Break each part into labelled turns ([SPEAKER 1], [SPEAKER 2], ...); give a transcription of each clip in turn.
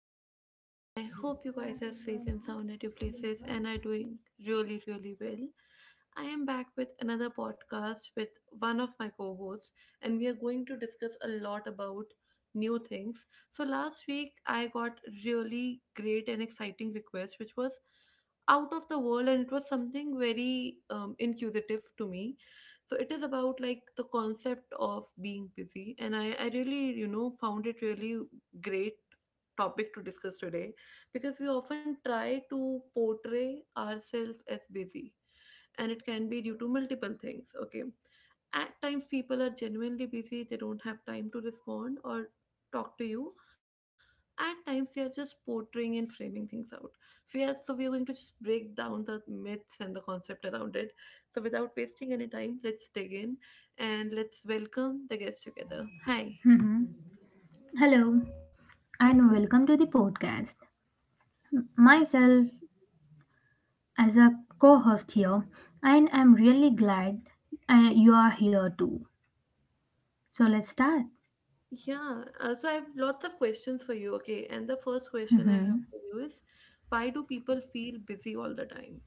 [SPEAKER 1] morning to everyone. I hope you guys are safe and sound at your places and are doing really, really well. I am back with another podcast with one of my co hosts, and we are going to discuss a lot about new things. So, last week I got really great and exciting request, which was out of the world, and it was something very inquisitive to me. So it is about like the concept of being busy, and I really found it really great topic to discuss today, because we often try to portray ourselves as busy, and it can be due to multiple things. Okay, at times people are genuinely busy, they don't have time to respond or talk to you. At times they are just portraying and framing things out. So yes, so we are going to just break down the myths and the concept around it. So without wasting any time, let's dig in and let's welcome the guests together. Hi.
[SPEAKER 2] Mhm. Hello and
[SPEAKER 1] Hi.
[SPEAKER 2] welcome to the podcast. Myself as a co host here, and I'm really glad you are here too. So let's start.
[SPEAKER 1] Yeah, so I have lots of questions for you. Okay, and the first question I have for you is, why do people feel busy all the time?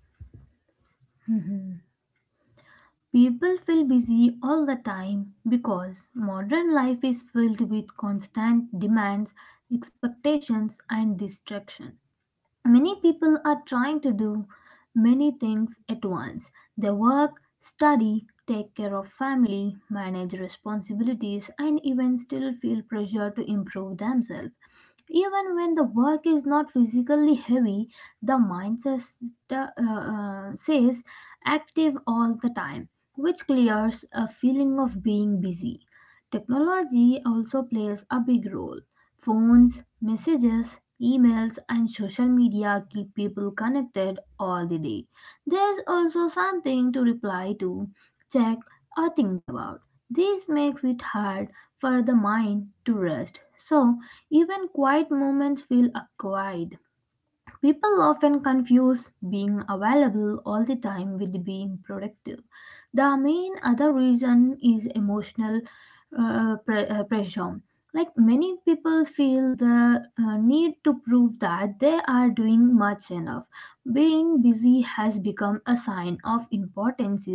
[SPEAKER 2] People feel busy all the time because modern life is filled with constant demands, expectations, and distraction. Many people are trying to do many things at once. They work, study, take care of family, manage responsibilities, and even still feel pressure to improve themselves. Even when the work is not physically heavy, the mind says, says active all the time, which clears a feeling of being busy. Technology also plays a big role. Phones, messages, emails, and social media keep people connected all the day. There's also something to reply to, check, or think about. This makes it hard for the mind to rest. So, even quiet moments feel acquired. People often confuse being available all the time with being productive. The main other reason is emotional pressure. Like many people feel the need to prove that they are doing much enough. Being busy has become a sign of importance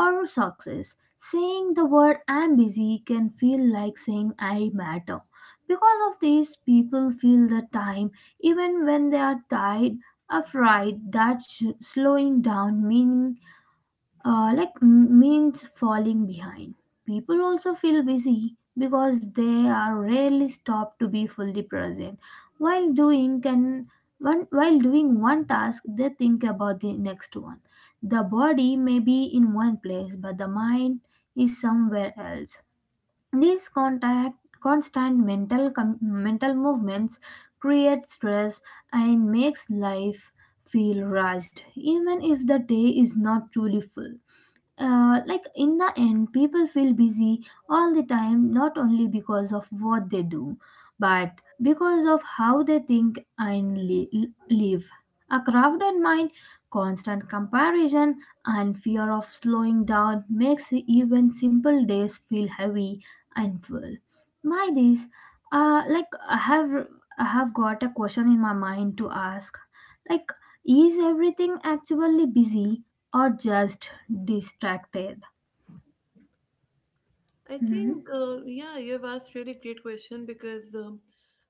[SPEAKER 2] or success. Saying the word I'm busy can feel like saying I matter. Because of this, people feel the time even when they are tired, afraid that slowing down meaning means falling behind. People also feel busy because they are rarely stopped to be fully present. While doing can one while doing one task, they think about the next one. The body may be in one place, but the mind is somewhere else. These constant mental mental movements create stress and makes life feel rushed, even if the day is not truly full. In the end, people feel busy all the time, not only because of what they do, but because of how they think and live. A crowded mind, constant comparison, and fear of slowing down makes even simple days feel heavy and full. By this, uh, like I have, I have got a question in my mind to ask. Like, is everything actually busy or just distracted?
[SPEAKER 1] I
[SPEAKER 2] Hmm.
[SPEAKER 1] think, yeah, you have asked really great question because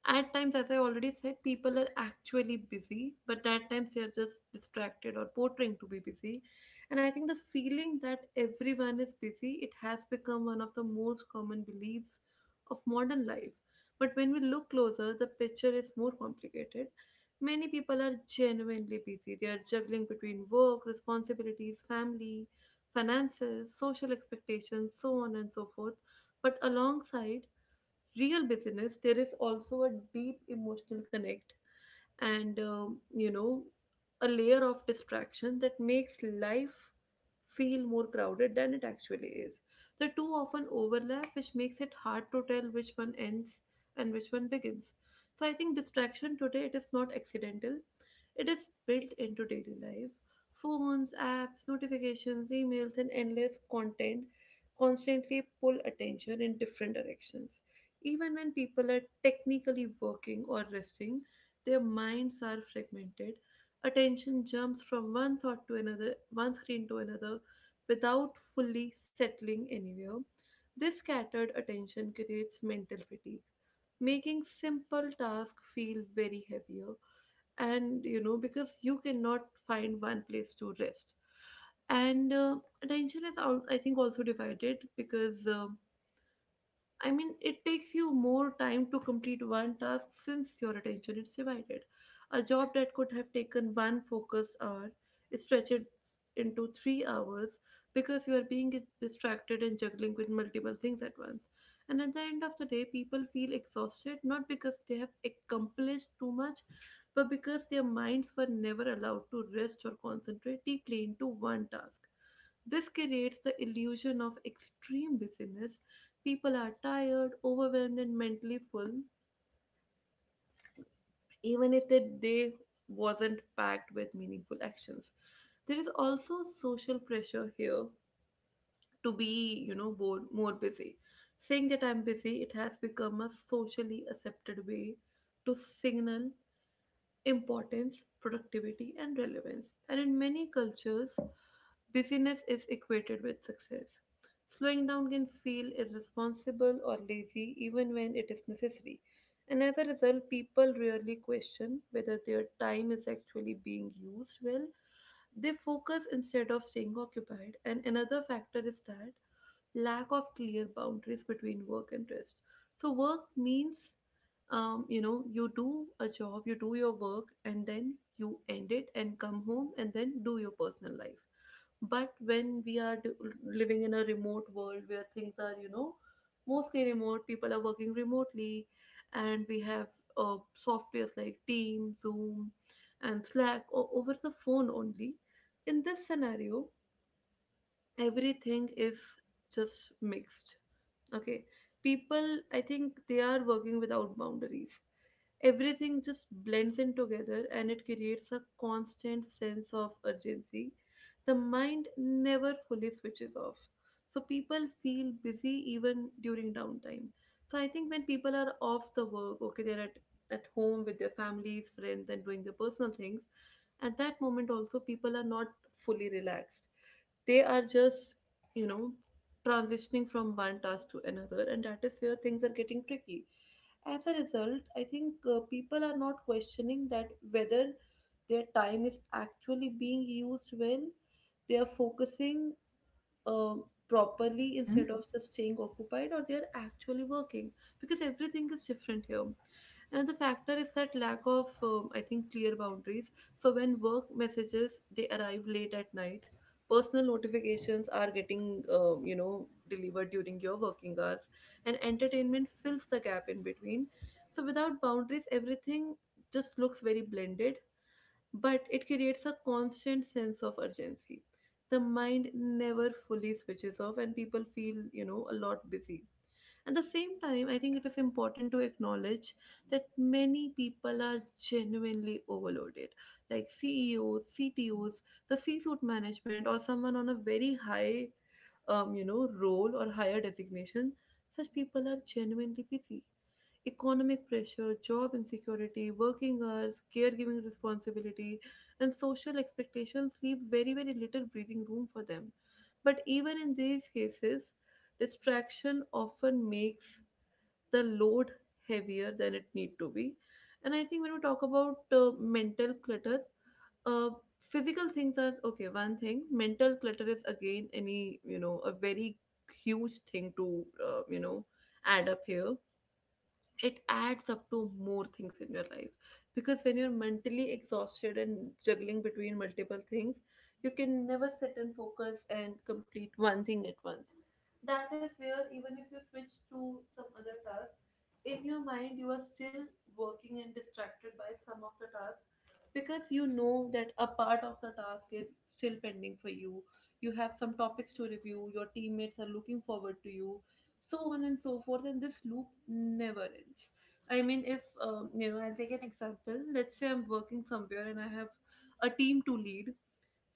[SPEAKER 1] at times, as I already said, people are actually busy, but at times they are just distracted or portraying to be busy. And I think the feeling that everyone is busy, it has become one of the most common beliefs of modern life. But when we look closer, the picture is more complicated. Many people are genuinely busy. They are juggling between work, responsibilities, family, finances, social expectations, so on and so forth. But alongside real busyness, there is also a deep emotional connect, and a layer of distraction that makes life feel more crowded than it actually is. The two often overlap, which makes it hard to tell which one ends and which one begins. So I think distraction today, it is not accidental, it is built into daily life. Phones, apps, notifications, emails, and endless content constantly pull attention in different directions. Even when people are technically working or resting, their minds are fragmented. Attention jumps from one thought to another, one screen to another, without fully settling anywhere. This scattered attention creates mental fatigue, making simple tasks feel very heavier. And you know, because you cannot find one place to rest, and I think also divided because I mean, it takes you more time to complete one task since your attention is divided. A job that could have taken one focused hour is stretched into 3 hours because you are being distracted and juggling with multiple things at once. And at the end of the day, people feel exhausted not because they have accomplished too much, but because their minds were never allowed to rest or concentrate deeply into one task. This creates the illusion of extreme busyness. People are tired, overwhelmed, and mentally full even if the day wasn't packed with meaningful actions. There is also social pressure here to be, more busy. Saying that I'm busy, it has become a socially accepted way to signal importance, productivity, and relevance. And in many cultures, busyness is equated with success. Slowing down can feel irresponsible or lazy even when it is necessary. And as a result, people rarely question whether their time is actually being used well. They focus instead of staying occupied. And another factor is that lack of clear boundaries between work and rest. So, work means you do a job, you do your work, and then you end it and come home and then do your personal life. But when we are living in a remote world where things are, you know, mostly remote, people are working remotely, and we have softwares like Teams, Zoom, and Slack over the phone only. In this scenario, everything is just mixed. Okay, people, I think they are working without boundaries. Everything just blends in together and it creates a constant sense of urgency. The mind never fully switches off, so people feel busy even during downtime. So I think when people are off the work, okay, at home with their families, friends, and doing their personal things, at that moment also people are not fully relaxed. They are just, you know, transitioning from one task to another, and that is where things are getting tricky. As a result, I think people are not questioning that whether their time is actually being used well. They are focusing properly
[SPEAKER 2] Hmm.
[SPEAKER 1] instead of just staying occupied, or they are actually working because everything is different here. Another factor is that lack of, I think, clear boundaries. So when work messages, they arrive late at night, personal notifications are getting, delivered during your working hours, and entertainment fills the gap in between. So without boundaries everything just looks very blended, but it creates a constant sense of urgency. The mind never fully switches off, and people feel, you know, a lot busy. At the same time, I think it is important to acknowledge that many people are genuinely overloaded, like CEOs, CTOs, the C suite management, or someone on a very high, role or higher designation, such people are genuinely busy. Economic pressure, job insecurity, working hours, caregiving responsibility, and social expectations leave very, very little breathing room for them. But even in these cases, distraction often makes the load heavier than it need to be. And I think when we talk about mental clutter, uh, physical things are okay one thing. Mental clutter is again any, you know, a very huge thing to, add up here. It adds up to more things in your life, because when you're mentally exhausted and juggling between multiple things, you can never sit and focus and complete one thing at once. That is where even if you switch to some other task, in your mind you are still working and distracted by some of the tasks, because you know that a part of the task is still pending for you. You have some topics to review, your teammates are looking forward to you, so on and so forth, and this loop never ends. I mean, if, I'll take an example. Let's say I'm working somewhere and I have a team to lead.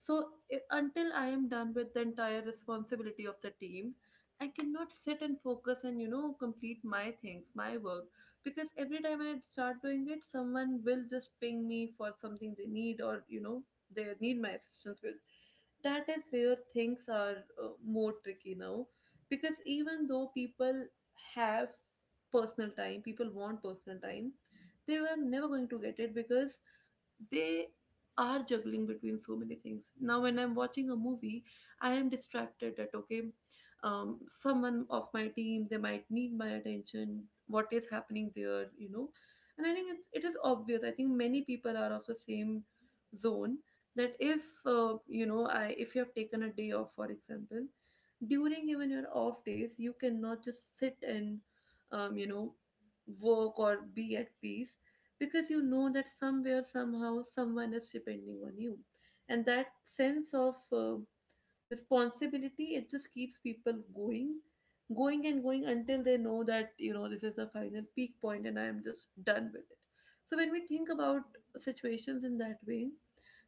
[SPEAKER 1] So until I am done with the entire responsibility of the team, I cannot sit and focus and, you know, complete my things, my work, because every time I start doing it, someone will just ping me for something they need, or you know, they need my assistance with. That is where things are, more tricky now, because even though people have personal time, people want personal time, they were never going to get it because they are juggling between so many things. Now when I'm watching a movie, I am distracted that okay, someone of my team, they might need my attention, what is happening there, you know. And I think it is obvious, I think many people are of the same zone, that if, you know I if you have taken a day off, for example, during even your off days you cannot just sit and, um, you know work or be at peace, because you know that somewhere somehow someone is depending on you, and that sense of uh, responsibility, it just keeps people going, going and going until they know that, you know, this is the final peak point and I am just done with it. So when we think about situations in that way,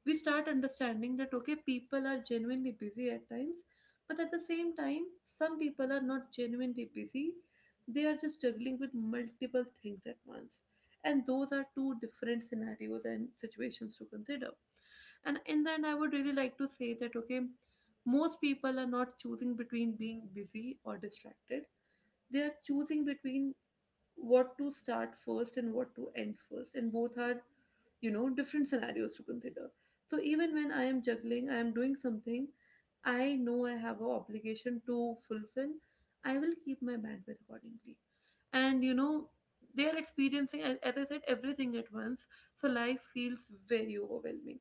[SPEAKER 1] we start understanding that okay, people are genuinely busy at times, but at the same time, some people are not genuinely busy, they are just juggling with multiple things at once. And those are two different scenarios and situations to consider. And in the end, I would really like to say that okay, most people are not choosing between being busy or distracted, they are choosing between what to start first and what to end first, and both are, you know, different scenarios to consider. So even when I am juggling, I am doing something, I know I have an obligation to fulfill, I will keep my bandwidth accordingly, and you know, they are experiencing, as I said, everything at once. So life feels very overwhelming,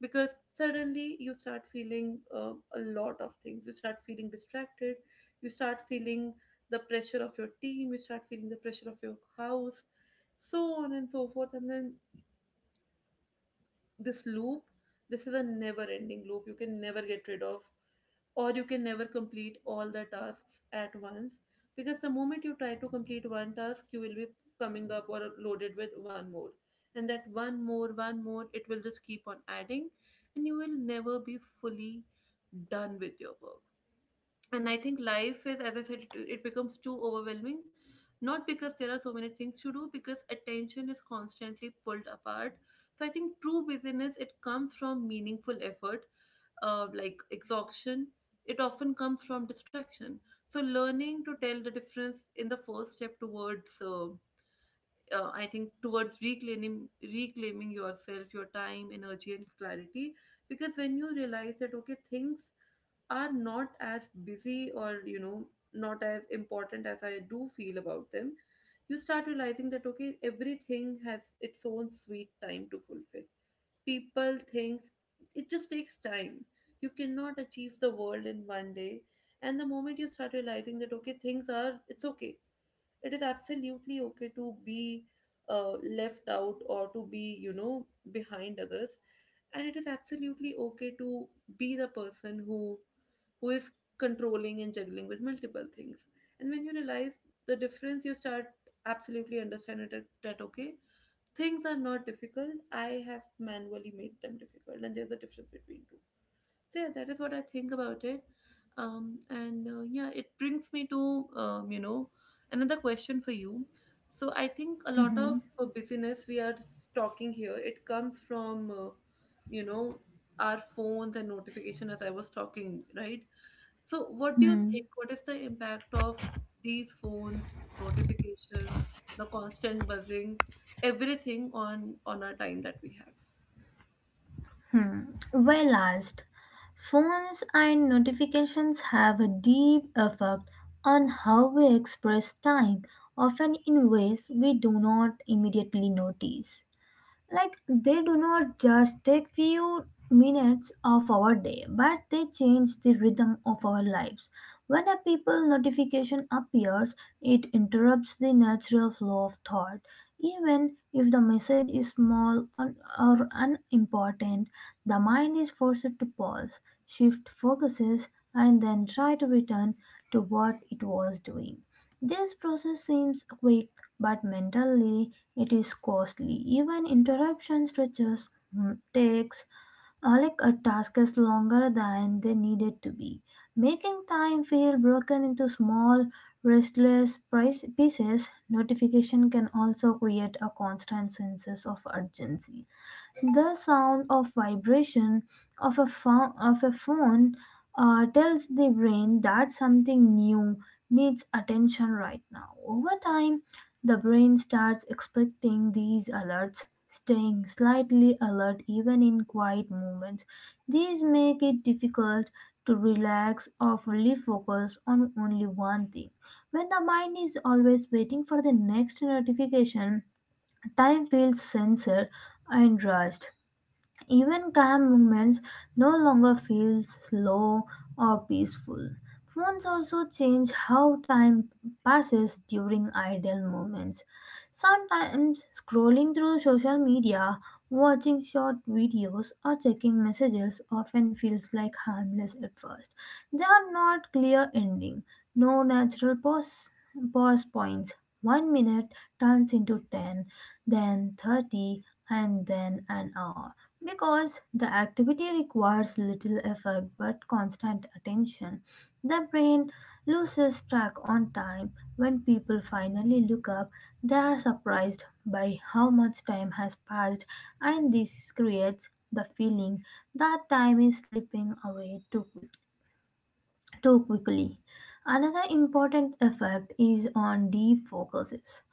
[SPEAKER 1] because suddenly you start feeling, a lot of things, you start feeling distracted, you start feeling the pressure of your team, you start feeling the pressure of your house, so on and so forth. And then this loop, this is a never ending loop. You can never get rid of, or you can never complete all the tasks at once. Because the moment you try to complete one task, you will be coming up or loaded with one more. And that one more, it will just keep on adding, and you will never be fully done with your work. And I think life is, as I said it, it becomes too overwhelming, not because there are so many things to do, because attention is constantly pulled apart. So I think true busyness, it comes from meaningful effort. Like exhaustion, it often comes from distraction. So learning to tell the difference in the first step towards I think, towards reclaiming yourself, your time, energy, and clarity. Because when you realize that, okay, things are not as busy, or not as important as I do feel about them, you start realizing that, okay, everything has its own sweet time to fulfill. People, things, it just takes time. You cannot achieve the world in one day. And the moment you start realizing that, okay, things are, it's okay, it is absolutely okay to be uh, left out, or to be, behind others, and it is absolutely okay to be the person who is controlling and juggling with multiple things. And when you realize the difference, you start absolutely understanding that, that okay, things are not difficult, I have manually made them difficult, and there's a difference between two. So yeah, that is what I think about it. And yeah, it brings me to, another question for you. So I think a lot of
[SPEAKER 2] Hmm.
[SPEAKER 1] busyness we are talking here, it comes from, you know our phones and notification, as I was talking, right? So what do you
[SPEAKER 2] Hmm.
[SPEAKER 1] think? What is the impact of these phones, notification, the constant buzzing, everything on our time that we have?
[SPEAKER 2] Hmm. Well asked. Phones and notifications have a deep effect on how we express time, often in ways we do not immediately notice. Like, they do not just take few minutes of our day, but they change the rhythm of our lives. When a people notification appears, it interrupts the natural flow of thought. Even if the message is small or unimportant, the mind is forced to pause, shift focuses, and then try to return to what it was doing. This process seems quick, but mentally it is costly. Even interruption to takes a task is longer than they needed to be, making time feel broken into small, restless pieces. Notification can also create a constant sense of urgency. The sound of vibration of of a phone tells the brain that something new needs attention right now. Over time, the brain starts expecting these alerts, staying slightly alert even in quiet moments. These make it difficult to relax or fully focus on only one thing. When the mind is always waiting for the next notification, time feels censored and rushed. Even calm moments no longer feel slow or peaceful. Phones also change how time passes during idle moments. Sometimes scrolling through social media, watching short videos, or checking messages often feels like harmless at first. They are not clear ending, no natural pause points. One minute turns into 10, then 30, and then an hour. Because the activity requires little effort but constant attention, the brain loses track on time. When people finally look up, they are surprised by how much time has passed, and this creates the feeling that time is slipping away too quickly. Another important effect is on deep focuses.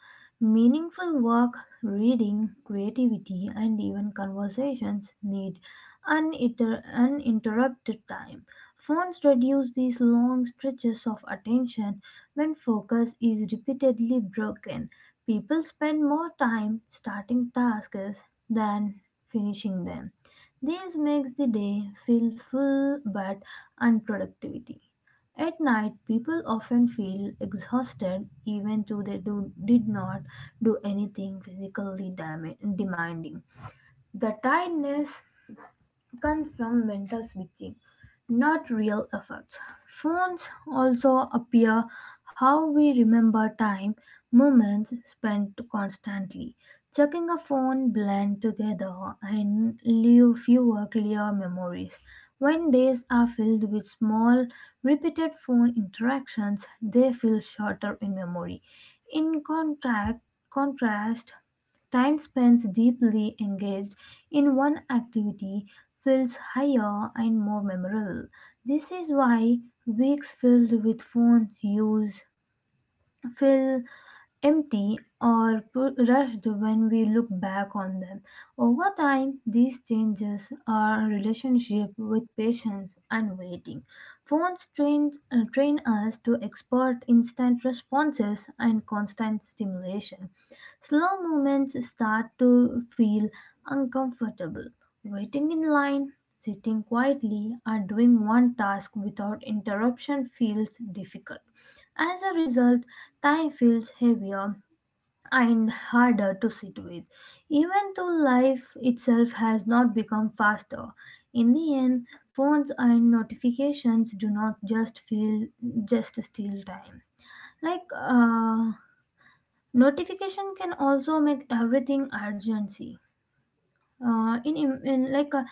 [SPEAKER 2] Meaningful work, reading, creativity, and even conversations need uninterrupted time. Phones reduce these long stretches of attention when focus is repeatedly broken. People spend more time starting tasks than finishing them. This makes the day feel full but unproductivity. At night, people often feel exhausted even though they did not do anything physically demanding. The tiredness come from mental switching, not real efforts. Phones also appear how we remember time, moments spent constantly. Checking a phone blend together and leave fewer clear memories. When days are filled with small, repeated phone interactions, they feel shorter in memory. In contrast, time spent deeply engaged in one activity feels higher and more memorable. This is why weeks filled with phone use feel empty or rushed when we look back on them. Over time, these changes our relationship with patience and waiting. Phones train us to expect instant responses and constant stimulation. Slow movements start to feel uncomfortable. Waiting in line, sitting quietly, or doing one task without interruption feels difficult. As a result, time feels heavier and harder to sit with, even though life itself has not become faster. In the end, phones and notifications do not just steal time. like uh, Notification can also make everything urgency in like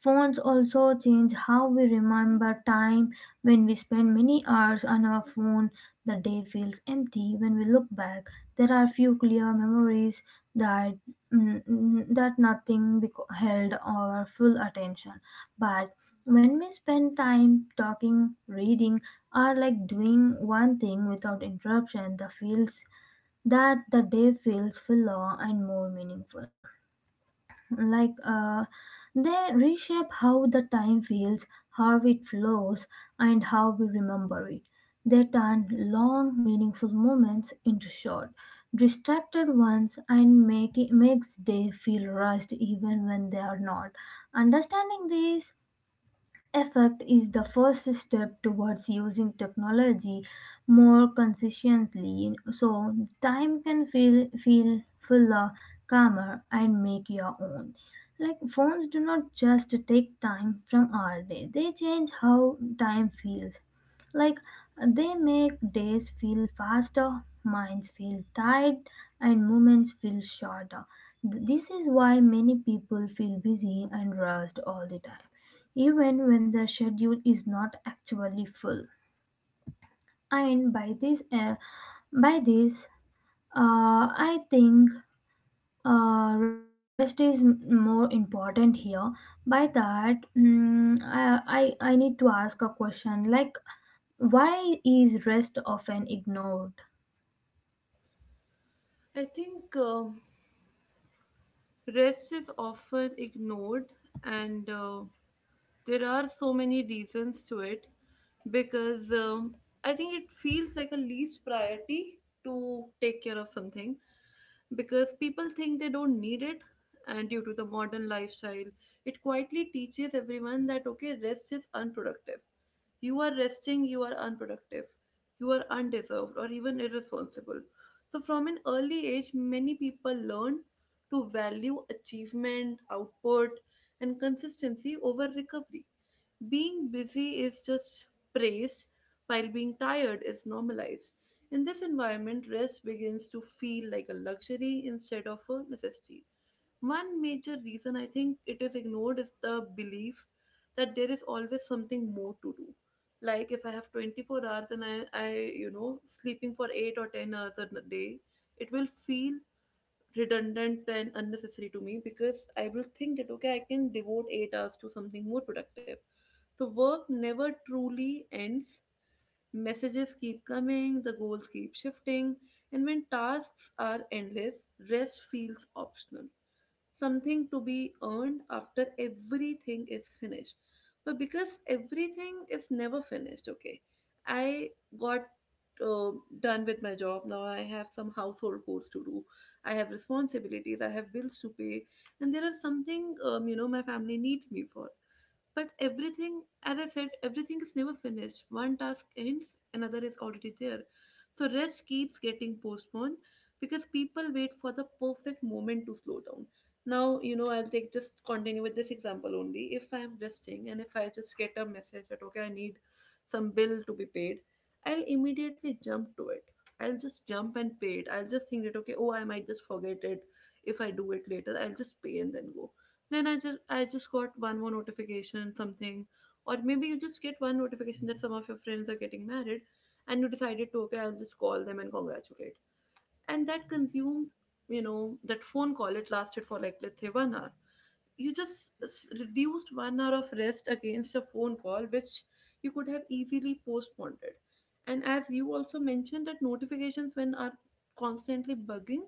[SPEAKER 2] phones also change how we remember time. When we spend many hours on our phone, the day feels empty when we look back. There are few clear memories that that nothing beco- held our full attention. But when we spend time talking, reading, or like doing one thing without interruption, the day feels fuller and more meaningful. Like uh, they reshape how the time feels, how it flows, and how we remember it. They turn long, meaningful moments into short, distracted ones and makes day feel rushed even when they are not. Understanding this effort is the first step towards using technology more conscientiously, so time can feel fuller, calmer, and make your own. Like phones do not just take time from our day; they change how time feels. Like they make days feel faster, minds feel tired, and moments feel shorter. This is why many people feel busy and rushed all the time even when the schedule is not actually full. And by this, I think rest is more important here. By that, I need to ask a question like, why is rest often ignored?
[SPEAKER 1] I think. Rest is often ignored, and there are so many reasons to it, because I think it feels like a least priority to take care of something, because people think they don't need it. And due to the modern lifestyle, it quietly teaches everyone that, okay, rest is unproductive. You are resting, you are unproductive, you are undeserved, or even irresponsible. So, from an early age, many people learn to value achievement, output, and consistency over recovery. Being busy is just praised, while being tired is normalized. In this environment, rest begins to feel like a luxury instead of a necessity. One major reason I think it is ignored is the belief that there is always something more to do. Like if I have 24 hours and I, sleeping for 8 or 10 hours a day, it will feel redundant and unnecessary to me, because I will think that, okay, I can devote 8 hours to something more productive. So work never truly ends. Messages keep coming, the goals keep shifting, and when tasks are endless, rest feels optional, something to be earned after everything is finished. But because everything is never finished, okay, I got uh, done with my job. Now I have some household chores to do. I have responsibilities. I have bills to pay, and there are something my family needs me for. But everything, as I said, everything is never finished. One task ends, another is already there. So rest keeps getting postponed because people wait for the perfect moment to slow down. Now, I'll take just continue with this example only. If I'm resting and if I just get a message that, okay, I need some bill to be paid, I'll immediately jump to it. I'll just jump and pay it. I'll just think that, okay, oh, I might just forget it if I do it later. I'll just pay and then go. Then I just got one more notification, something. Or maybe you just get one notification that some of your friends are getting married, and you decided to, okay, I'll just call them and congratulate. And that consumed, that phone call, it lasted for like, let's say, 1 hour. You just reduced 1 hour of rest against a phone call which you could have easily postponed it. And as you also mentioned, that notifications when are constantly bugging,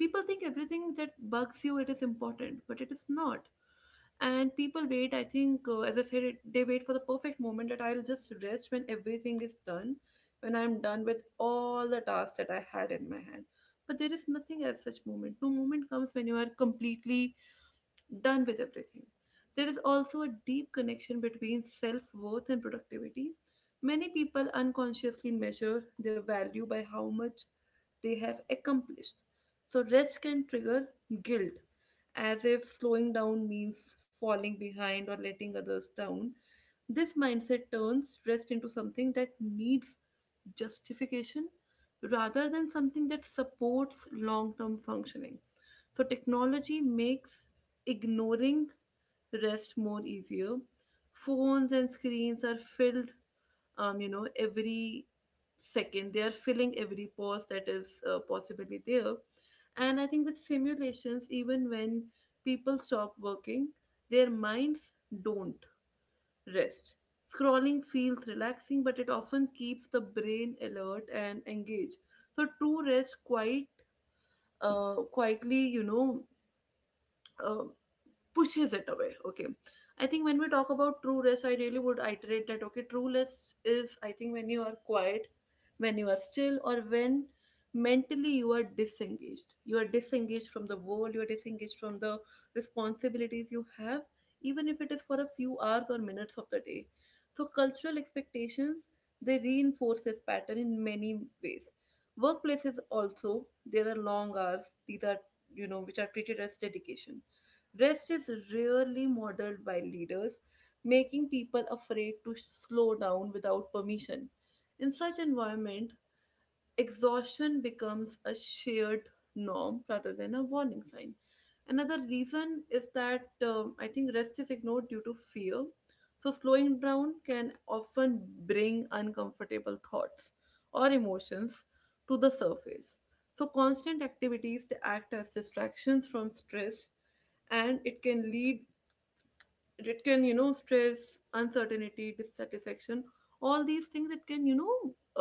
[SPEAKER 1] people think everything that bugs you it is important, but it is not. And people wait, I think, as I said it, they wait for the perfect moment that I'll just rest when everything is done, when I'm done with all the tasks that I had in my hand. But there is nothing as such moment, no moment comes when you are completely done with everything. There is also a deep connection between self worth and productivity. Many people unconsciously measure their value by how much they have accomplished. So, rest can trigger guilt, as if slowing down means falling behind or letting others down. This mindset turns rest into something that needs justification rather than something that supports long term functioning. So, technology makes ignoring rest more easier. Phones and screens are filled, every second. They are filling every pause that is possibly there. And I think with simulations, even when people stop working, their minds don't rest. Scrolling feels relaxing, but it often keeps the brain alert and engaged. So true rest quite quietly, uh, pushes it away. Okay, I think when we talk about true rest, I really would iterate that, okay, true rest is, I think, when you are quiet, when you are still, or when mentally you are disengaged, you are disengaged from the world, you are disengaged from the responsibilities you have, even if it is for a few hours or minutes of the day. So cultural expectations, they reinforce this pattern in many ways. Workplaces also, there are long hours, these are, which are treated as dedication. Rest is rarely modeled by leaders, making people afraid to slow down without permission. In such environment, exhaustion becomes a shared norm rather than a warning sign. Another reason is that, I think, rest is ignored due to fear. So slowing down can often bring uncomfortable thoughts or emotions to the surface. So constant activities, they act as distractions from stress, and it can lead, it can, stress, uncertainty, dissatisfaction, all these things, it can, you know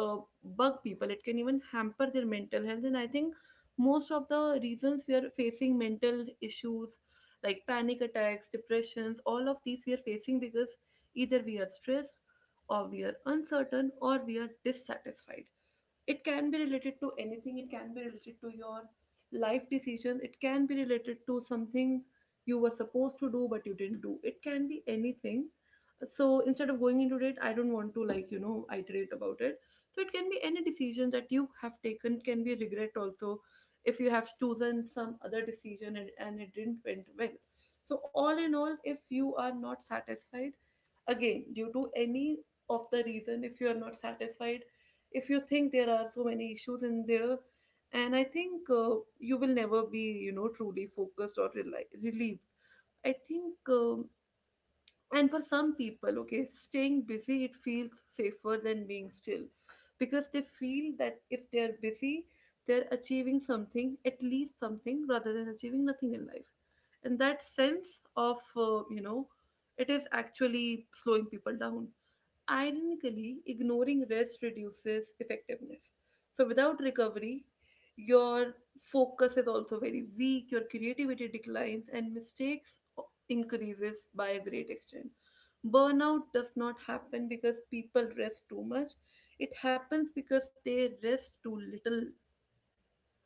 [SPEAKER 1] uh, bug people, it can even hamper their mental health. And I think most of the reasons we are facing mental issues like panic attacks, depressions, all of these, we are facing because either we are stressed, or we are uncertain, or we are dissatisfied. It can be related to anything, it can be related to your life decision, it can be related to something you were supposed to do but you didn't do, it can be anything. So instead of going into it, I don't want to, like, iterate about it. So it can be any decision that you have taken. It can be regret also, if you have chosen some other decision, and it didn't went well. So all in all, if you are not satisfied, again due to any of the reason, if you are not satisfied, if you think there are so many issues in there, and I think, you will never be, truly focused or relieved, I think. And for some people, okay, staying busy, it feels safer than being still, because they feel that if they are busy, they're achieving something, at least something, rather than achieving nothing in life. And that sense of, it is actually slowing people down. Ironically, ignoring rest reduces effectiveness. So, without recovery, your focus is also very weak, your creativity declines, and mistakes increases by a great extent. Burnout does not happen because people rest too much. It happens because they rest too little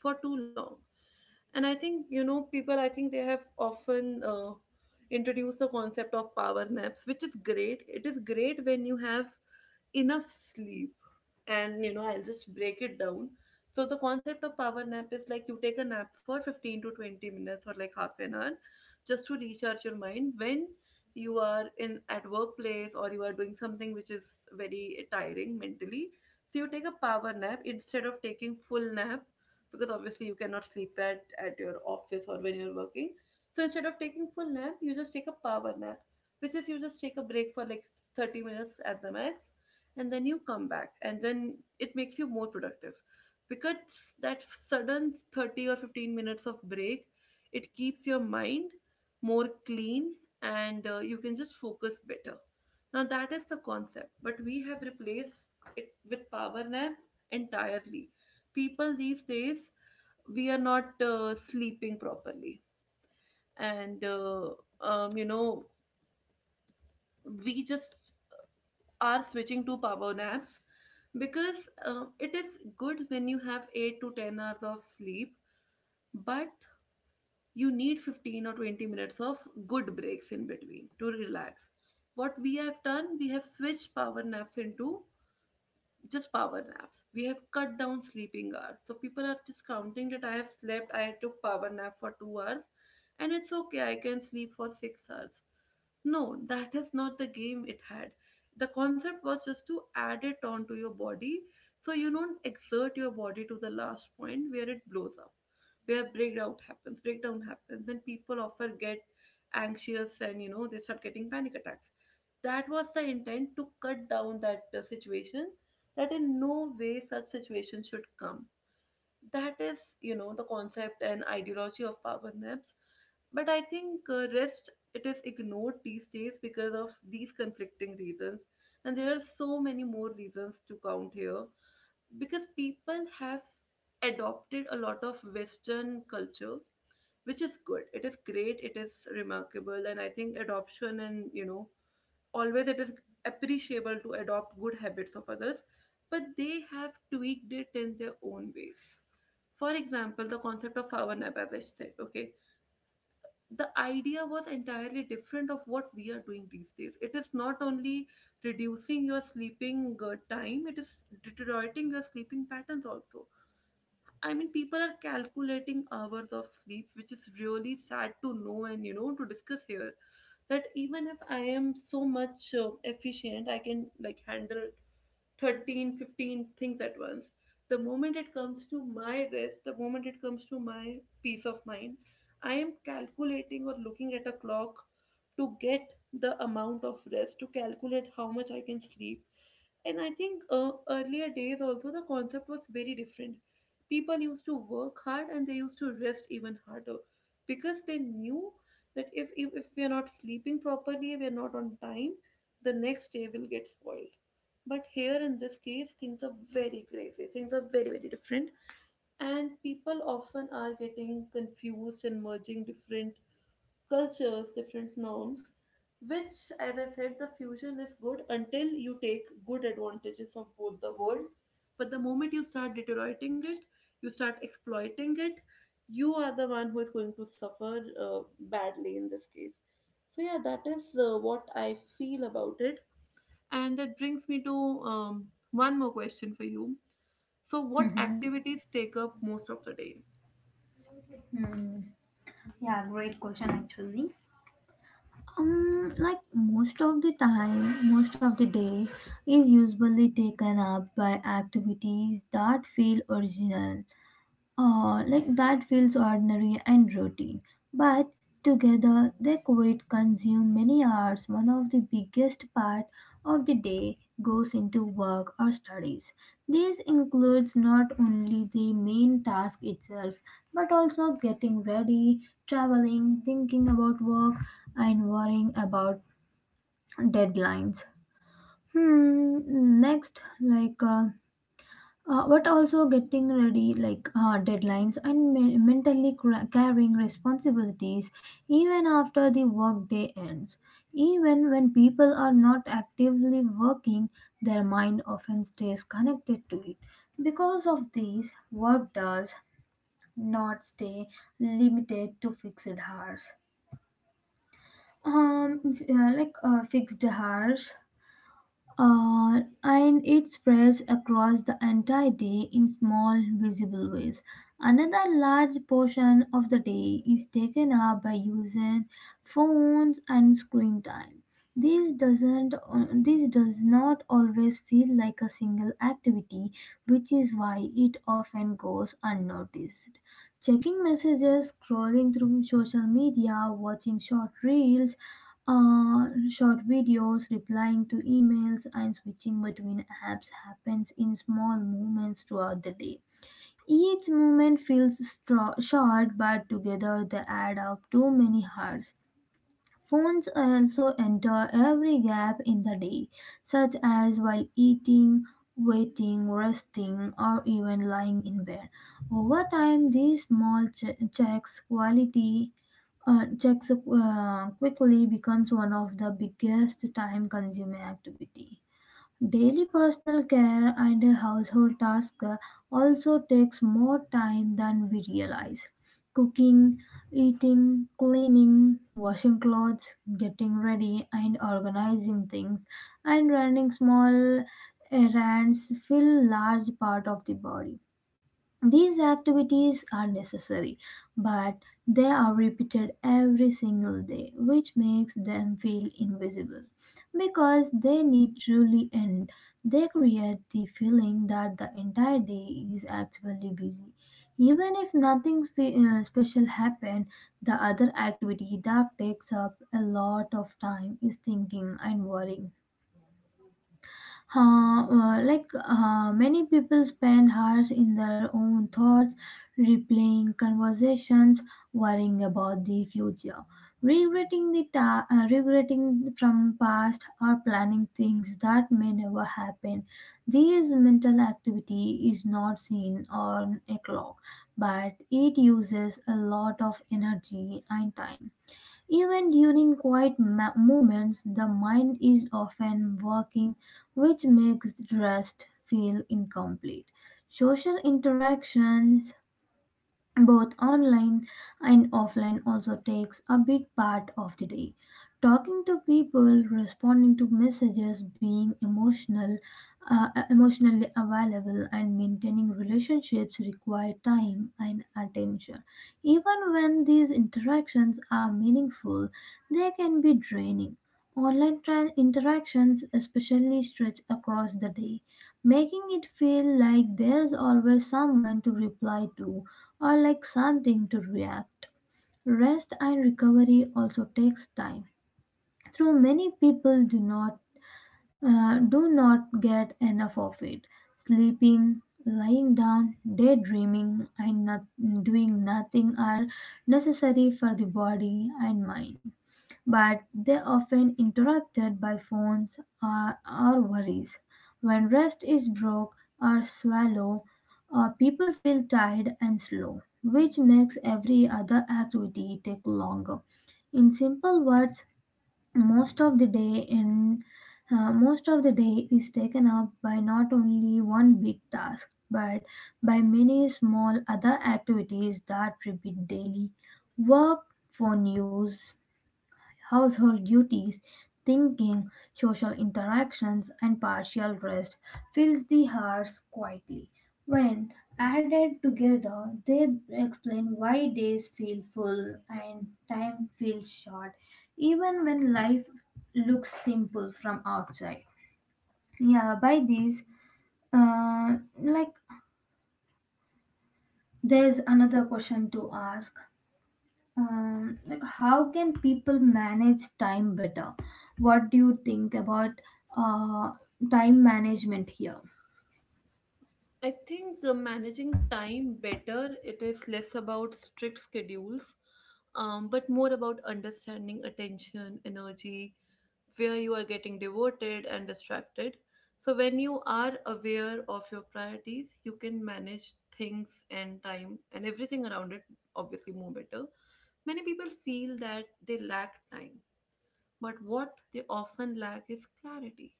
[SPEAKER 1] for too long. And I think people, I think they have often introduced the concept of power naps, which is great. It is great when you have enough sleep. And I'll just break it down. So the concept of power nap is like you take a nap for 15 to 20 minutes or like half an hour, just to recharge your mind when you are in at workplace or you are doing something which is very tiring mentally. So you take a power nap instead of taking full nap, because obviously you cannot sleep at your office or when you're working. So instead of taking full nap, you just take a power nap, which is you just take a break for like 30 minutes at the max, and then you come back, and then it makes you more productive, because that sudden 30 or 15 minutes of break, it keeps your mind more clean, and you can just focus better. Now that is the concept, but we have replaced it with power nap entirely. People these days, we are not sleeping properly. And um, you know we just are switching to power naps, because it is good when you have 8 to 10 hours of sleep, but you need 15 or 20 minutes of good breaks in between to relax. What we have done, we have switched power naps into just power naps. We have cut down sleeping hours. So people are just counting that I have slept, I took power nap for 2 hours, and it's okay, I can sleep for 6 hours. No, that is not the game it had. The concept was just to add it on to your body, so you don't exert your body to the last point where it blows up, where breakdown happens, and people often get anxious, and they start getting panic attacks. That was the intent, to cut down that situation, that in no way such situation should come. That is, the concept and ideology of power naps. But I think rest, it is ignored these days because of these conflicting reasons, and there are so many more reasons to count here, because people have adopted a lot of Western culture, which is good, it is great, it is remarkable. And I think adoption, and always it is appreciable to adopt good habits of others, but they have tweaked it in their own ways. For example, the concept of power nap, as I said, okay, the idea was entirely different of what we are doing these days. It is not only reducing your sleeping time, it is deteriorating your sleeping patterns also. I mean, people are calculating hours of sleep, which is really sad to know, and to discuss here. That even if I am so much efficient, I can like handle 13 15 things at once, the moment it comes to my rest, the moment it comes to my peace of mind, I am calculating or looking at a clock to get the amount of rest, to calculate how much I can sleep. And I think earlier days also the concept was very different. People used to work hard and they used to rest even harder, because they knew that if we are not sleeping properly, we are not on time, the next day will get spoiled. But here in this case, things are very crazy. Things are very, very different. And people often are getting confused and merging different cultures, different norms, which, as I said, the fusion is good until you take good advantages of both the world. But the moment you start deteriorating it, you start exploiting it, you are the one who is going to suffer badly in this case. So, yeah, that is what I feel about it. And that brings me to one more question for you. So, what
[SPEAKER 2] Mm-hmm.
[SPEAKER 1] activities take up most of the day?
[SPEAKER 2] Yeah, great question actually. Most of the time, most of the day is usually taken up by activities that feel original. Oh, like that feels ordinary and routine. But together they quite consume many hours. One of the biggest part of the day goes into work or studies. This includes not only the main task itself, but also getting ready, traveling, thinking about work, and worrying about deadlines. Hmm, next, but also getting ready like deadlines and mentally carrying responsibilities even after the workday ends, even when people are not actively working, their mind often stays connected to it. Because of these, work does not stay limited to fixed hours, fixed hours, and it spreads across the entire day in small, visible ways. Another large portion of the day is taken up by using phones and screen time. This does not always feel like a single activity, which is why it often goes unnoticed. Checking messages, scrolling through social media, watching short reels, short videos, replying to emails, and switching between apps happens in small moments throughout the day. Each moment feels short, but together they add up to many hours. Phones also enter every gap in the day, such as while eating, waiting, resting, or even lying in bed. Over time, these small checks quickly becomes one of the biggest time consuming activity. Daily personal care and household tasks also takes more time than we realize. Cooking, eating, cleaning, washing clothes, getting ready and organizing things, and running small errands fill large part of the body. These activities are necessary, but they are repeated every single day, which makes them feel invisible. Because they need truly end, they create the feeling that the entire day is actually busy. Even if nothing special happened, the other activity that takes up a lot of time is thinking and worrying. Many people spend hours in their own thoughts, replaying conversations, worrying about the future, regretting from past, or planning things that may never happen. This mental activity is not seen on a clock, but it uses a lot of energy and time. Even during quiet moments, the mind is often working, which makes rest feel incomplete. Social interactions both online and offline also takes a big part of the day, talking to people, responding to messages, being emotional, emotionally available, and maintaining relationships require time and attention. Even when these interactions are meaningful, they can be draining. Interactions especially stretch across the day, making it feel like there's always someone to reply to or like something to react. Rest and recovery also takes time, though many people do not get enough of it. Sleeping, lying down, daydreaming, and not, doing nothing are necessary for the body and mind, but they're often interrupted by phones or worries. When rest is broke or swallow, people feel tired and slow, which makes every other activity take longer. In simple words, most of the day in most of the day is taken up by not only one big task but by many small other activities that repeat daily: work, phone use, household duties, thinking, social interactions, and partial rest fills the hours quietly. When added together, they explain why days feel full and time feels short, even when life looks simple from outside. Yeah, by these, uh, like there's another question to ask. Like, how can people manage time better? What do you think about uh, time management here?
[SPEAKER 1] I think managing time better, it is less about strict schedules, but more about understanding attention, energy, where you are getting devoted and distracted. So, when you are aware of your priorities, you can manage things and time and everything around it obviously more better. Many people feel that they lack time. But what they often lack is clarity.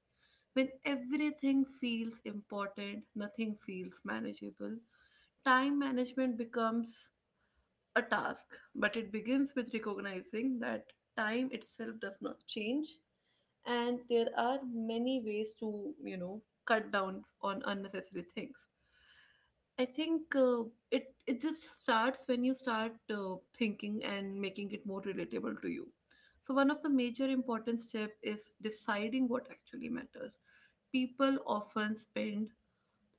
[SPEAKER 1] When everything feels important, nothing feels manageable. Time management becomes a task, but it begins with recognizing that time itself does not change, and there are many ways to cut down on unnecessary things. I think it just starts when you start thinking and making it more relatable to you. So one of the major important step is deciding what actually matters. People often spend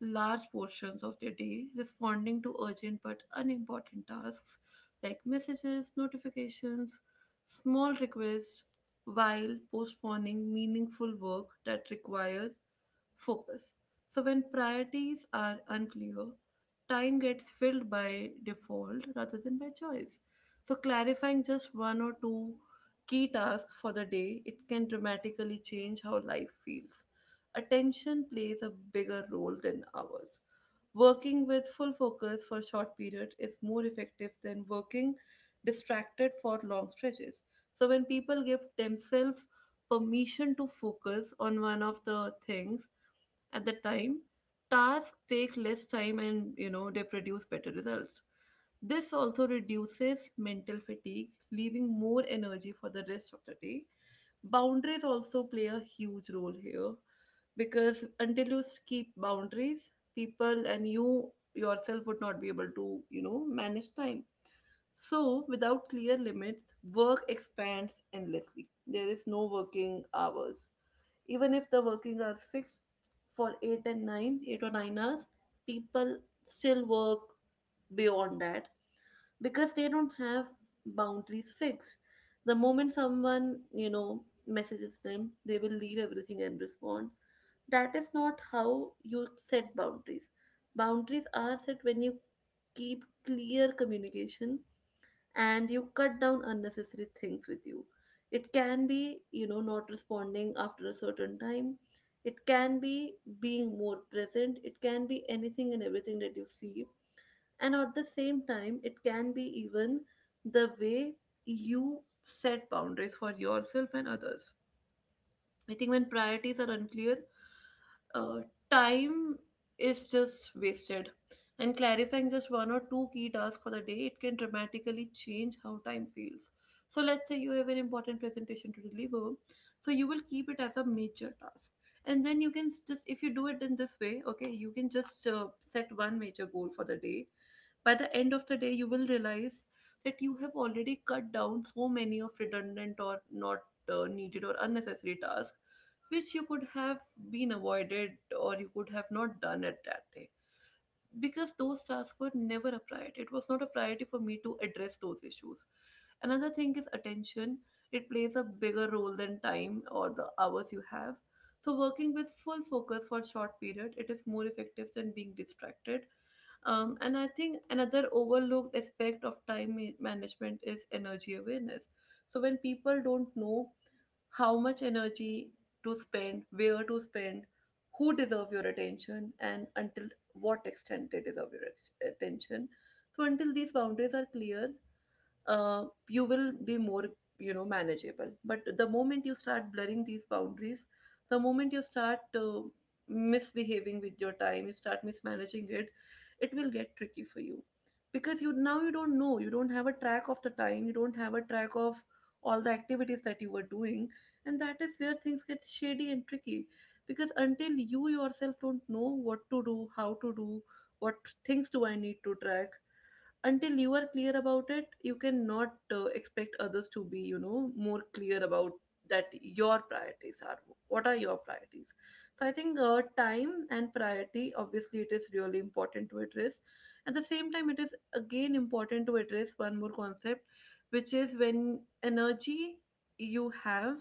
[SPEAKER 1] large portions of their day responding to urgent but unimportant tasks, like messages, notifications, small requests, while postponing meaningful work that requires focus. So, when priorities are unclear, time gets filled by default rather than by choice. So, clarifying just one or two key tasks for the day, it can dramatically change how life feels. Attention plays a bigger role than ours. Working with full focus for short periods is more effective than working distracted for long stretches. So when people give themselves permission to focus on one of the things, at that time, tasks take less time, and they produce better results. This also reduces mental fatigue, leaving more energy for the rest of the day. Boundaries also play a huge role here, because until you keep boundaries, people and you yourself would not be able to manage time. So, without clear limits, work expands endlessly. There is no working hours. Even if the working hours fixed for 8 and 9, 8 or 9 hours, people still work beyond that because they don't have boundaries fixed. The moment someone messages them, they will leave everything and respond. That is not how you set boundaries. Boundaries are set when you keep clear communication, and you cut down unnecessary things with you. It can be not responding after a certain time. It can be being more present. It can be anything and everything that you see. And at the same time, it can be even the way you set boundaries for yourself and others. I think when priorities are unclear, uh, time is just wasted. And clarifying just one or two key tasks for the day, it can dramatically change how time feels. So, let's say you have an important presentation to deliver, so you will keep it as a major task. And then you can just, if you do it in this way, okay, you can just set one major goal for the day. By the end of the day you will realize that you have already cut down so many of redundant or not needed or unnecessary tasks, which you could have been avoided, or you could have not done at that day, because those tasks were never a priority. It was not a priority for me to address those issues. Another thing is attention. It plays a bigger role than time or the hours you have. So working with full focus for short period, it is more effective than being distracted. And I think another overlooked aspect of time management is energy awareness. So when people don't know how much energy to spend, where to spend, who deserve your attention, and until what extent it is of your attention. So, until these boundaries are clear, you will be more, manageable. But the moment you start blurring these boundaries, the moment you start misbehaving with your time, you start mismanaging it. It will get tricky for you, because you now you don't know, you don't have a track of the time, you don't have a track of all the activities that you were doing. And that is where things get shady and tricky, because until you yourself don't know what to do, how to do, what things do I need to track, until you are clear about it, you cannot expect others to be, more clear about that your priorities are, what are your priorities. So I think time and priority, obviously it is really important to address. At the same time, it is again important to address one more concept, which is when energy you have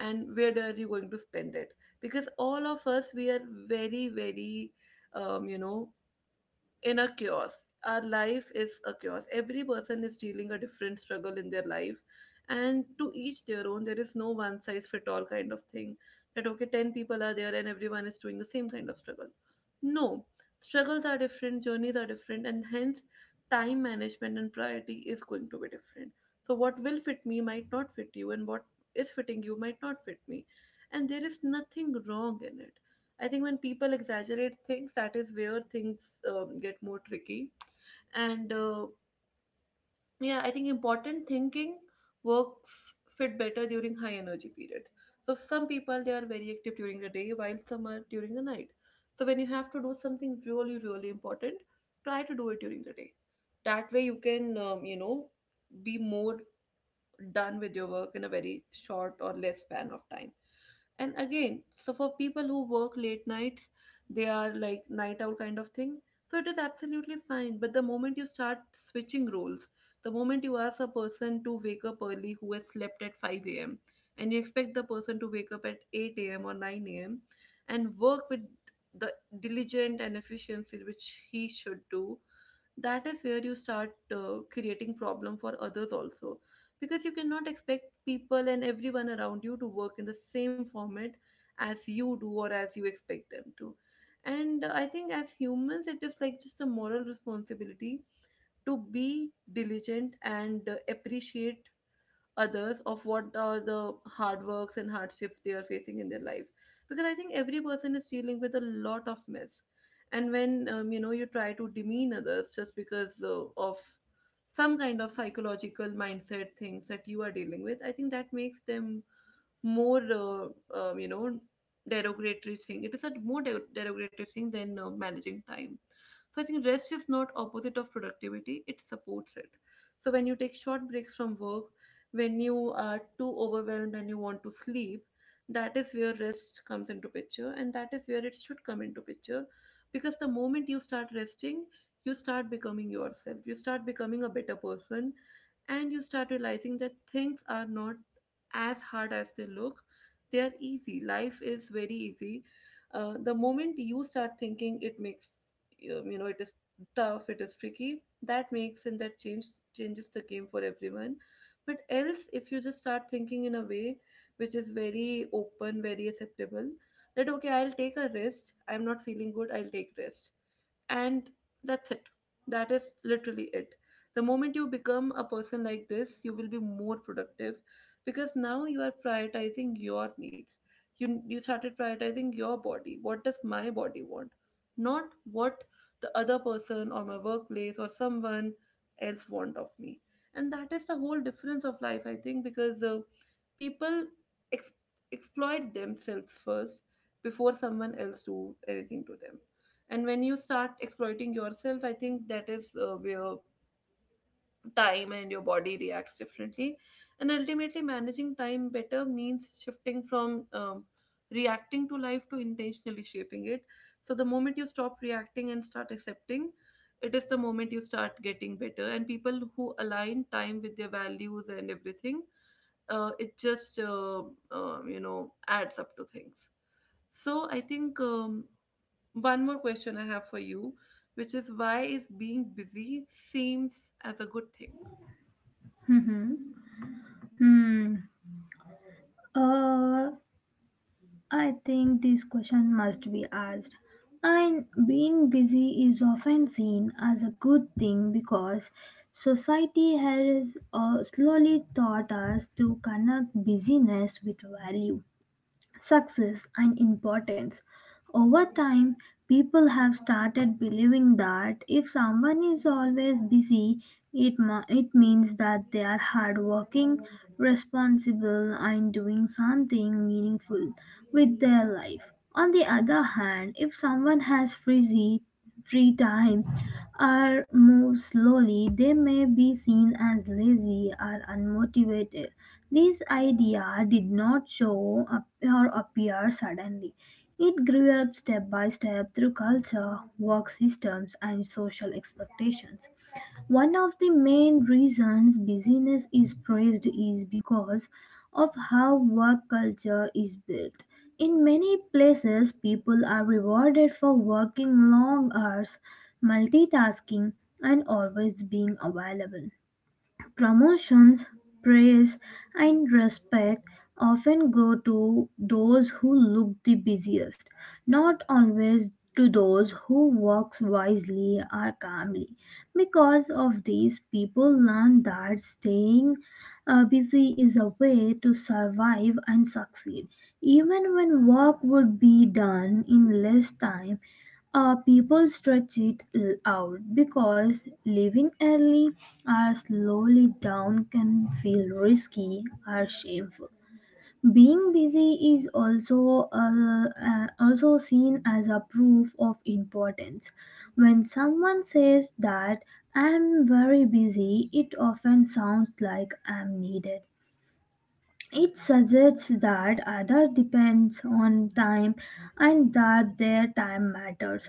[SPEAKER 1] and where are you going to spend it. Because all of us, we are very, very um, you know in a chaos. Our life is a chaos. Every person is dealing a different struggle in their life, and to each their own. There is no one size fit all kind of thing, that okay, 10 people are there and everyone is doing the same kind of struggle. No, struggles are different, journeys are different, and hence time management and priority is going to be different. So, what will fit me might not fit you, and what is fitting you might not fit me. And there is nothing wrong in it. I think when people exaggerate things, that is where things get more tricky. And yeah, I think important thinking works fit better during high energy periods. So some people, they are very active during the day, while some are during the night. So when you have to do something really really important, try to do it during the day. That way you can be more done with your work in a very short or less span of time. And again, so for people who work late nights, they are like night owl kind of thing, so it is absolutely fine. But the moment you start switching roles, the moment you ask a person to wake up early who has slept at 5 a.m. and you expect the person to wake up at 8 a.m. or 9 a.m. and work with the diligent and efficiency which he should do, that is where you start creating problem for others also, because you cannot expect people and everyone around you to work in the same format as you do or as you expect them to. And I think as humans it is like just a moral responsibility to be diligent and appreciate others of what are the hard works and hardships they are facing in their life, because I think every person is dealing with a lot of mess. And when you try to demean others just because of some kind of psychological mindset things that you are dealing with, I think that makes them more derogatory thing. It is a more derogatory thing than managing time. So I think rest is not opposite of productivity, it supports it. So when you take short breaks from work, when you are too overwhelmed and you want to sleep, that is where rest comes into picture, and that is where it should come into picture. Because the moment you start resting, you start becoming yourself, you start becoming a better person, and you start realizing that things are not as hard as they look. They are easy, life is very easy. Uh, the moment you start thinking it makes you you know It is tough, it is tricky, that makes, and that changes the game for everyone. But else, if you just start thinking in a way which is very open, very acceptable, that okay, I'll take a rest, I'm not feeling good, I'll take rest, and that's it. That is literally it. The moment you become a person like this, you will be more productive, because now you are prioritizing your needs. You started prioritizing your body. What does my body want? Not what the other person or my workplace or someone else want of me. And that is the whole difference of life, I think, because people ex- exploit themselves first before someone else do anything to them. And when you start exploiting yourself, I think that is where time and your body reacts differently. And ultimately, managing time better means shifting from reacting to life to intentionally shaping it. So the moment you stop reacting and start accepting, it is the moment you start getting better. And people who align time with their values and everything, it just adds up to things. So I think, one more question I have for you, which is, why is being busy seems as a good thing?
[SPEAKER 2] hmm Hmm. Uh, I think this question must be asked. And being busy is often seen as a good thing because society has slowly taught us to connect busyness with value, success, and importance. Over time, people have started believing that if someone is always busy, it means that they are hardworking, responsible, and doing something meaningful with their life. On the other hand, if someone has free time, are move slowly, they may be seen as lazy or unmotivated. This idea did not show up or appear suddenly. It grew up step by step through culture, work systems, and social expectations. One of the main reasons busyness is praised is because of how work culture is built. In many places, people are rewarded for working long hours, multitasking, and always being available. Promotions, praise, and respect often go to those who look the busiest, not always to those who work wisely or calmly. Because of this, people learn that staying busy is a way to survive and succeed. Even when work would be done in less time, people stretch out because leaving early or slowly down can feel risky or shameful. Being busy is also also seen as a proof of importance. When someone says that I'm very busy, it often sounds like I'm needed. It suggests that other depends on time and that their time matters.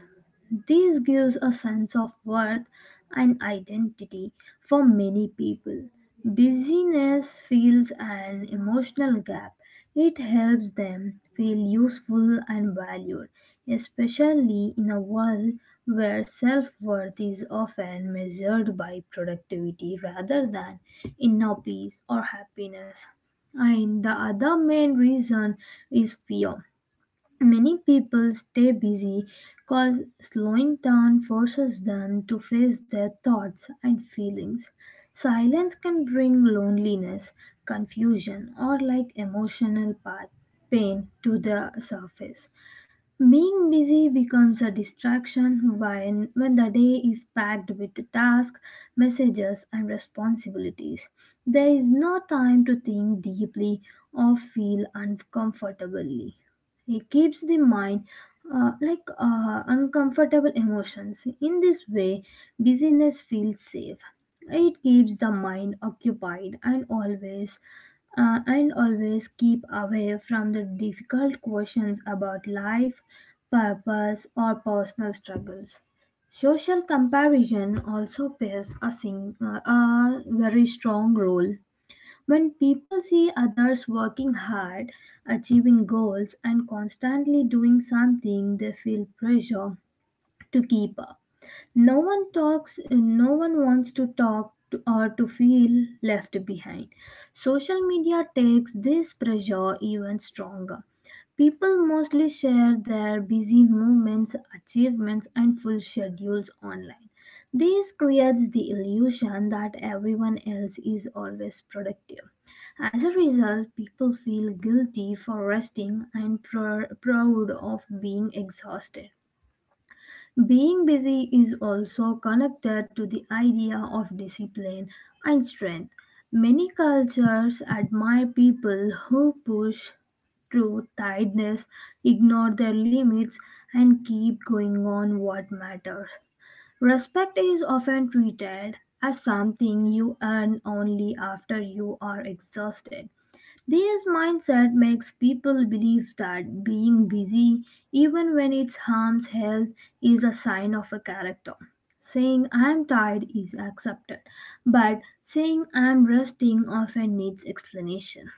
[SPEAKER 2] This gives a sense of worth and identity for many people. Busyness fills an emotional gap. It helps them feel useful and valued, especially in a world where self worth is often measured by productivity rather than inner peace or happiness. And the other main reason is fear. Many people stay busy because slowing down forces them to face their thoughts and feelings. Silence can bring loneliness, confusion, or like emotional pain to the surface. Being busy becomes a distraction when the day is packed with tasks, messages, and responsibilities. There is no time to think deeply or feel uncomfortably. It keeps the mind uncomfortable emotions. In this way, busyness feels safe. It keeps the mind occupied and always keep away from the difficult questions about life, purpose, or personal struggles. Social comparison also plays a very strong role. When people see others working hard, achieving goals, and constantly doing something, they feel pressure to keep up. No one talks, no one wants to talk to, or to feel left behind. Social media takes this pressure even stronger. People mostly share their busy moments, achievements, and full schedules online. This creates the illusion that everyone else is always productive. As a result, people feel guilty for resting and proud of being exhausted. Being busy is also connected to the idea of discipline and strength. Many cultures admire people who push through tiredness, ignore their limits, and keep going on what matters. Respect is often treated as something you earn only after you are exhausted. This mindset makes people believe that being busy, even when it harms health, is a sign of a character. Saying I'm tired is accepted, but saying I'm resting often needs explanation.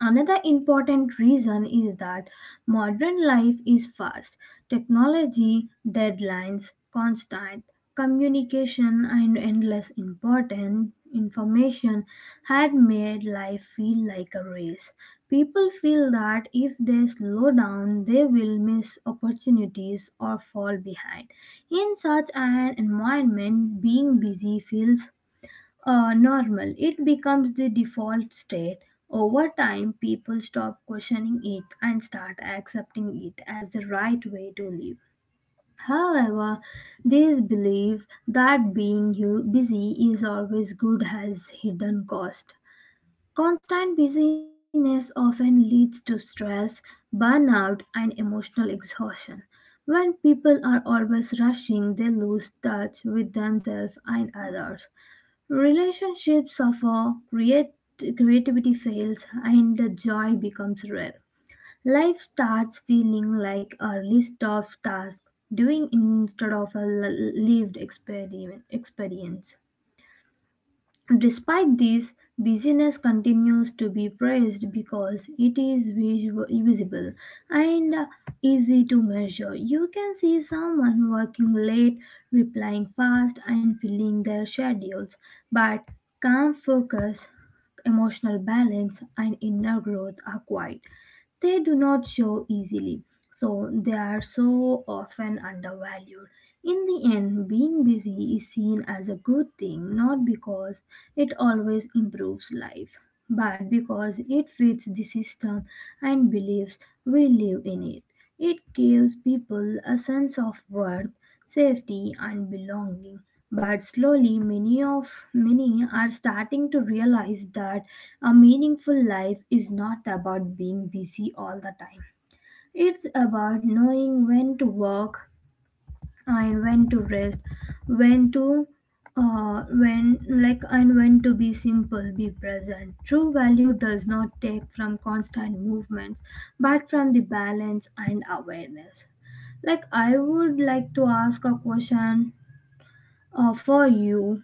[SPEAKER 2] Another important reason is that modern life is fast. Technology, deadlines, constant communication, and endless important information had made life feel like a race. People feel that if they slow down, they will miss opportunities or fall behind. In such an environment, being busy feels normal. It becomes the default state. Over time, people stop questioning it and start accepting it as the right way to live. However, this belief that being busy is always good has hidden cost. Constant busyness often leads to stress, burnout, and emotional exhaustion. When people are always rushing, they lose touch with themselves and others. Relationships suffer, creativity fails, and the joy becomes rare. Life starts feeling like a list of tasks doing instead of a lived experience. Despite this, busyness continues to be praised because it is visual, visible, and easy to measure. You can see someone working late, replying fast, and filling their schedules, but calm focus, emotional balance, and inner growth are quiet. They do not show easily, so they are so often undervalued. In the end, being busy is seen as a good thing not because it always improves life, but because it fits the system and beliefs we live in it. It gives people a sense of worth, safety, and belonging. But slowly, many of many are starting to realize that a meaningful life is not about being busy all the time. It's about knowing when to work and when to rest, when to when like and when to be simple be present. True value does not take from constant movements but from the balance and awareness. Like, I would like to ask a question for you,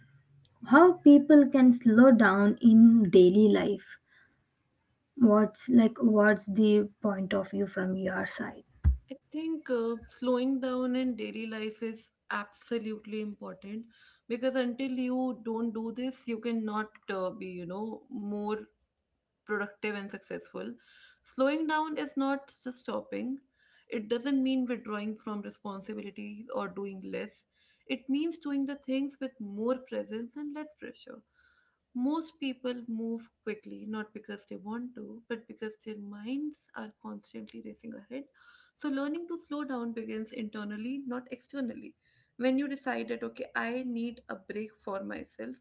[SPEAKER 2] how people can slow down in daily life. What's like what's the point of view from your side?
[SPEAKER 1] I think slowing down in daily life is absolutely important, because until you don't do this, you cannot be, you know, more productive and successful. Slowing down is not just stopping. It doesn't mean withdrawing from responsibilities or doing less. It means doing the things with more presence and less pressure. Most people move quickly, not because they want to, but because their minds are constantly racing ahead. So, learning to slow down begins internally, not externally. When you decide that, okay, I need a break for myself,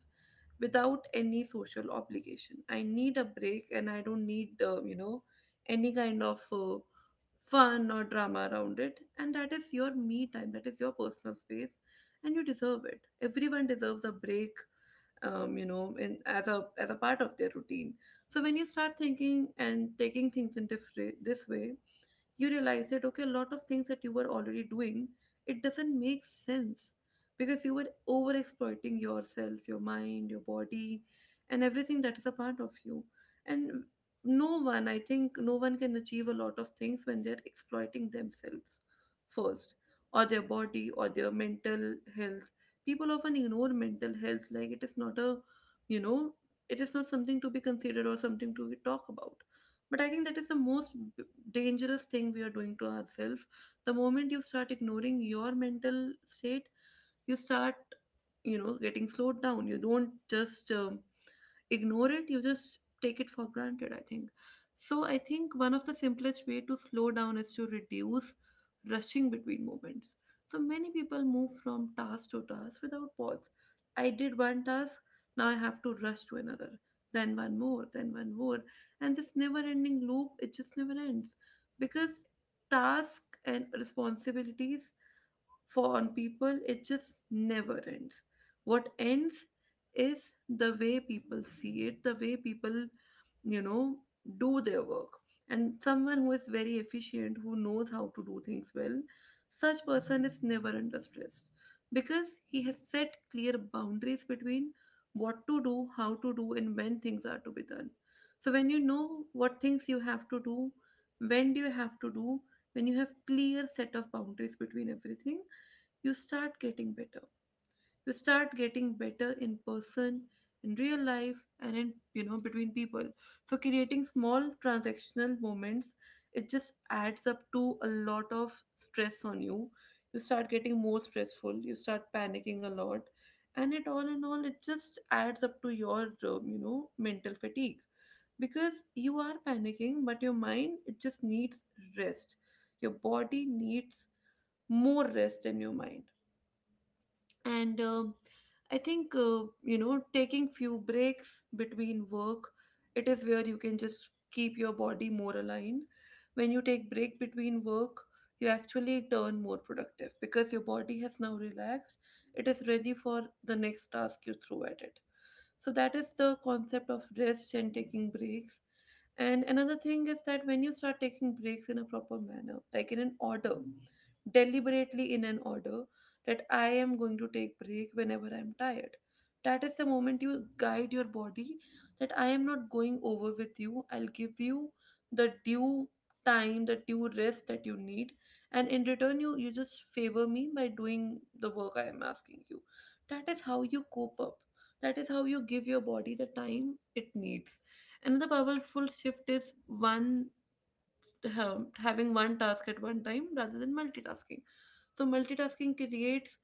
[SPEAKER 1] without any social obligation. I need a break, and I don't need, any kind of fun or drama around it. And that is your me time, that is your personal space, and you deserve it. Everyone deserves a break. In, as a part of their routine. So when you start thinking and taking things in different this way, you realize that okay, a lot of things that you were already doing, it doesn't make sense, because you were over exploiting yourself, your mind, your body, and everything that is a part of you. And no one, I think no one can achieve a lot of things when they're exploiting themselves first, or their body, or their mental health. People often ignore mental health like it is not a, you know, it is not something to be considered or something to talk about. But I think that is the most dangerous thing we are doing to ourselves. The moment you start ignoring your mental state, you start, you know, getting slowed down. You don't just ignore it, you just take it for granted, I think. So I think one of the simplest way to slow down is to reduce rushing between moments. So many people move from task to task without pause. I did one task, now I have to rush to another, then one more, then one more, and this never ending loop, it just never ends, because task and responsibilities for on people, it just never ends. What ends is the way people see it, the way people, you know, do their work. And someone who is very efficient, who knows how to do things well, such person is never under stress, because he has set clear boundaries between what to do, how to do, and when things are to be done. So when you know what things you have to do, when do you have to do, when you have clear set of boundaries between everything, you start getting better, you start getting better in person, in real life, and in, you know, between people. So creating small transactional moments, it just adds up to a lot of stress on you. You start getting more stressful, you start panicking a lot, and it all in all, it just adds up to your mental fatigue, because you are panicking, but your mind, it just needs rest. Your body needs more rest than your mind. And I think taking few breaks between work, it is where you can just keep your body more aligned. When you take break between work, you actually turn more productive because your body has now relaxed, it is ready for the next task you throw at it. So that is the concept of rest and taking breaks. And another thing is that when you start taking breaks in a proper manner, like in an order, deliberately in an order, that I am going to take break whenever I'm tired. That is the moment you guide your body that I am not going over with you. I'll give you the due time, the due rest that you need. And in return, you just favor me by doing the work I am asking you. That is how you cope up, that is how you give your body the time it needs. Another powerful shift is one having one task at one time rather than multitasking. So multitasking creates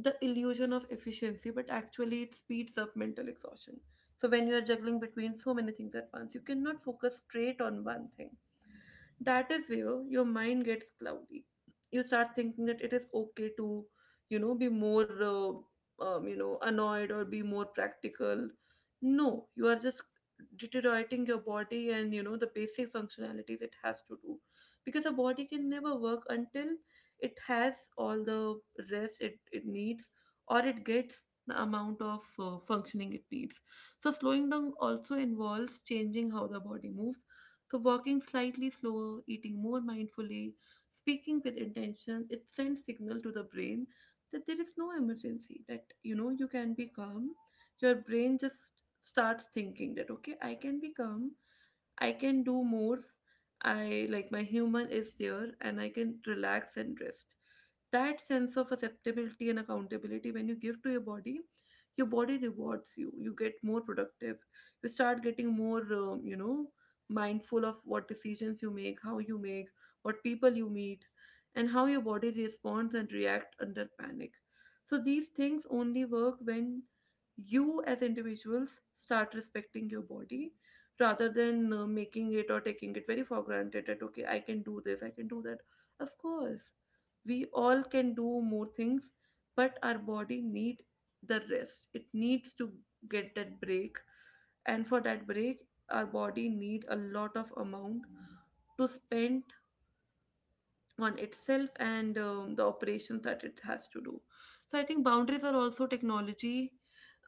[SPEAKER 1] the illusion of efficiency, but actually it speeds up mental exhaustion. So when you are juggling between so many things at once, you cannot focus straight on one thing. That is where your mind gets cloudy. You start thinking that it is okay to, you know, be more, annoyed or be more practical. No, you are just deteriorating your body, and you know the basic functionalities it has to do, because the body can never work until it has all the rest it needs, or it gets the amount of functioning it needs. So, slowing down also involves changing how the body moves. So, walking slightly slower, eating more mindfully, speaking with intention, it sends signal to the brain that there is no emergency, that you know you can be calm. Your brain just starts thinking that okay, I can be calm, I can do more, I like my human is there, and I can relax and rest. That sense of acceptability and accountability when you give to your body rewards you. You get more productive. You start getting more, mindful of what decisions you make, how you make, what people you meet, and how your body responds and react under panic. So these things only work when you as individuals start respecting your body rather than making it or taking it very for granted that okay, I can do this, I can do that. Of course, we all can do more things, but our body need the rest it needs to get that break. And for that break, our body need a lot of amount to spend on itself, and the operations that it has to do. So I think boundaries are also technology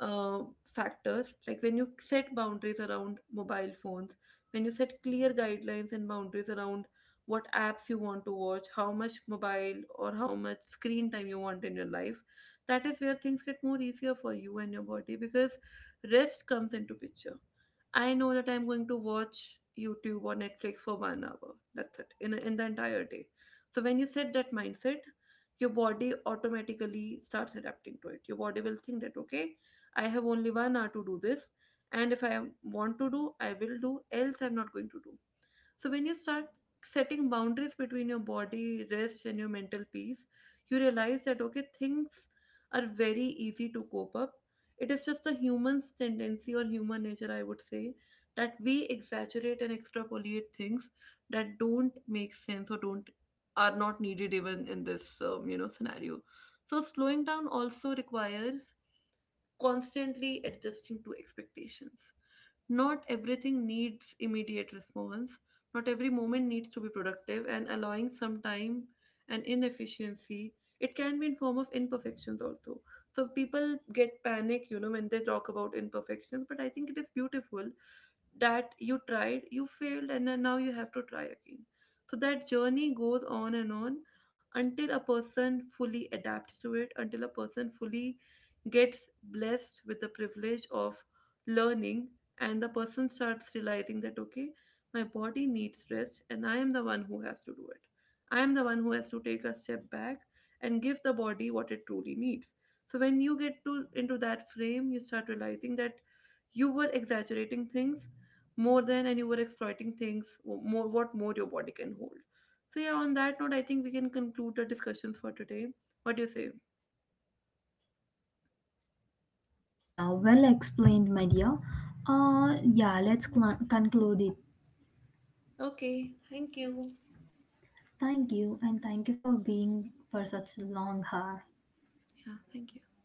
[SPEAKER 1] factors. Like when you set boundaries around mobile phones, when you set clear guidelines and boundaries around what apps you want to watch, how much mobile or how much screen time you want in your life, that is where things get more easier for you and your body, because rest comes into picture. I know that I'm going to watch YouTube or Netflix for 1 hour. That's it, in the entire day. So when you set that mindset, your body automatically starts adapting to it. Your body will think that okay, I have only 1 hour to do this, and if I want to do, I will do. Else, I'm not going to do. So when you start setting boundaries between your body, rest, and your mental peace, you realize that okay, things are very easy to cope up. It is just a human's tendency or human nature, I would say, that we exaggerate and extrapolate things that don't make sense, or don't are not needed even in this scenario. So slowing down also requires constantly adjusting to expectations. Not everything needs immediate response, not every moment needs to be productive, and allowing some time and inefficiency, it can be in form of imperfections also. So people get panic, you know, when they talk about imperfections, but I think it is beautiful that you tried, you failed, and then now you have to try again. So that journey goes on and on until a person fully adapts to it, until a person fully gets blessed with the privilege of learning, and the person starts realizing that, okay, my body needs rest, and I am the one who has to do it. I am the one who has to take a step back and give the body what it truly needs. So when you get to into that frame, you start realizing that you were exaggerating things more than, and you were exploiting things more, what more your body can hold. So yeah, on that note, I think we can conclude the discussions for today. What do you say?
[SPEAKER 2] Yeah, well explained my dear. Yeah, let's conclude it.
[SPEAKER 1] Okay, thank you.
[SPEAKER 2] Thank you, and thank you for being for such a long hour.
[SPEAKER 1] Yeah, thank you.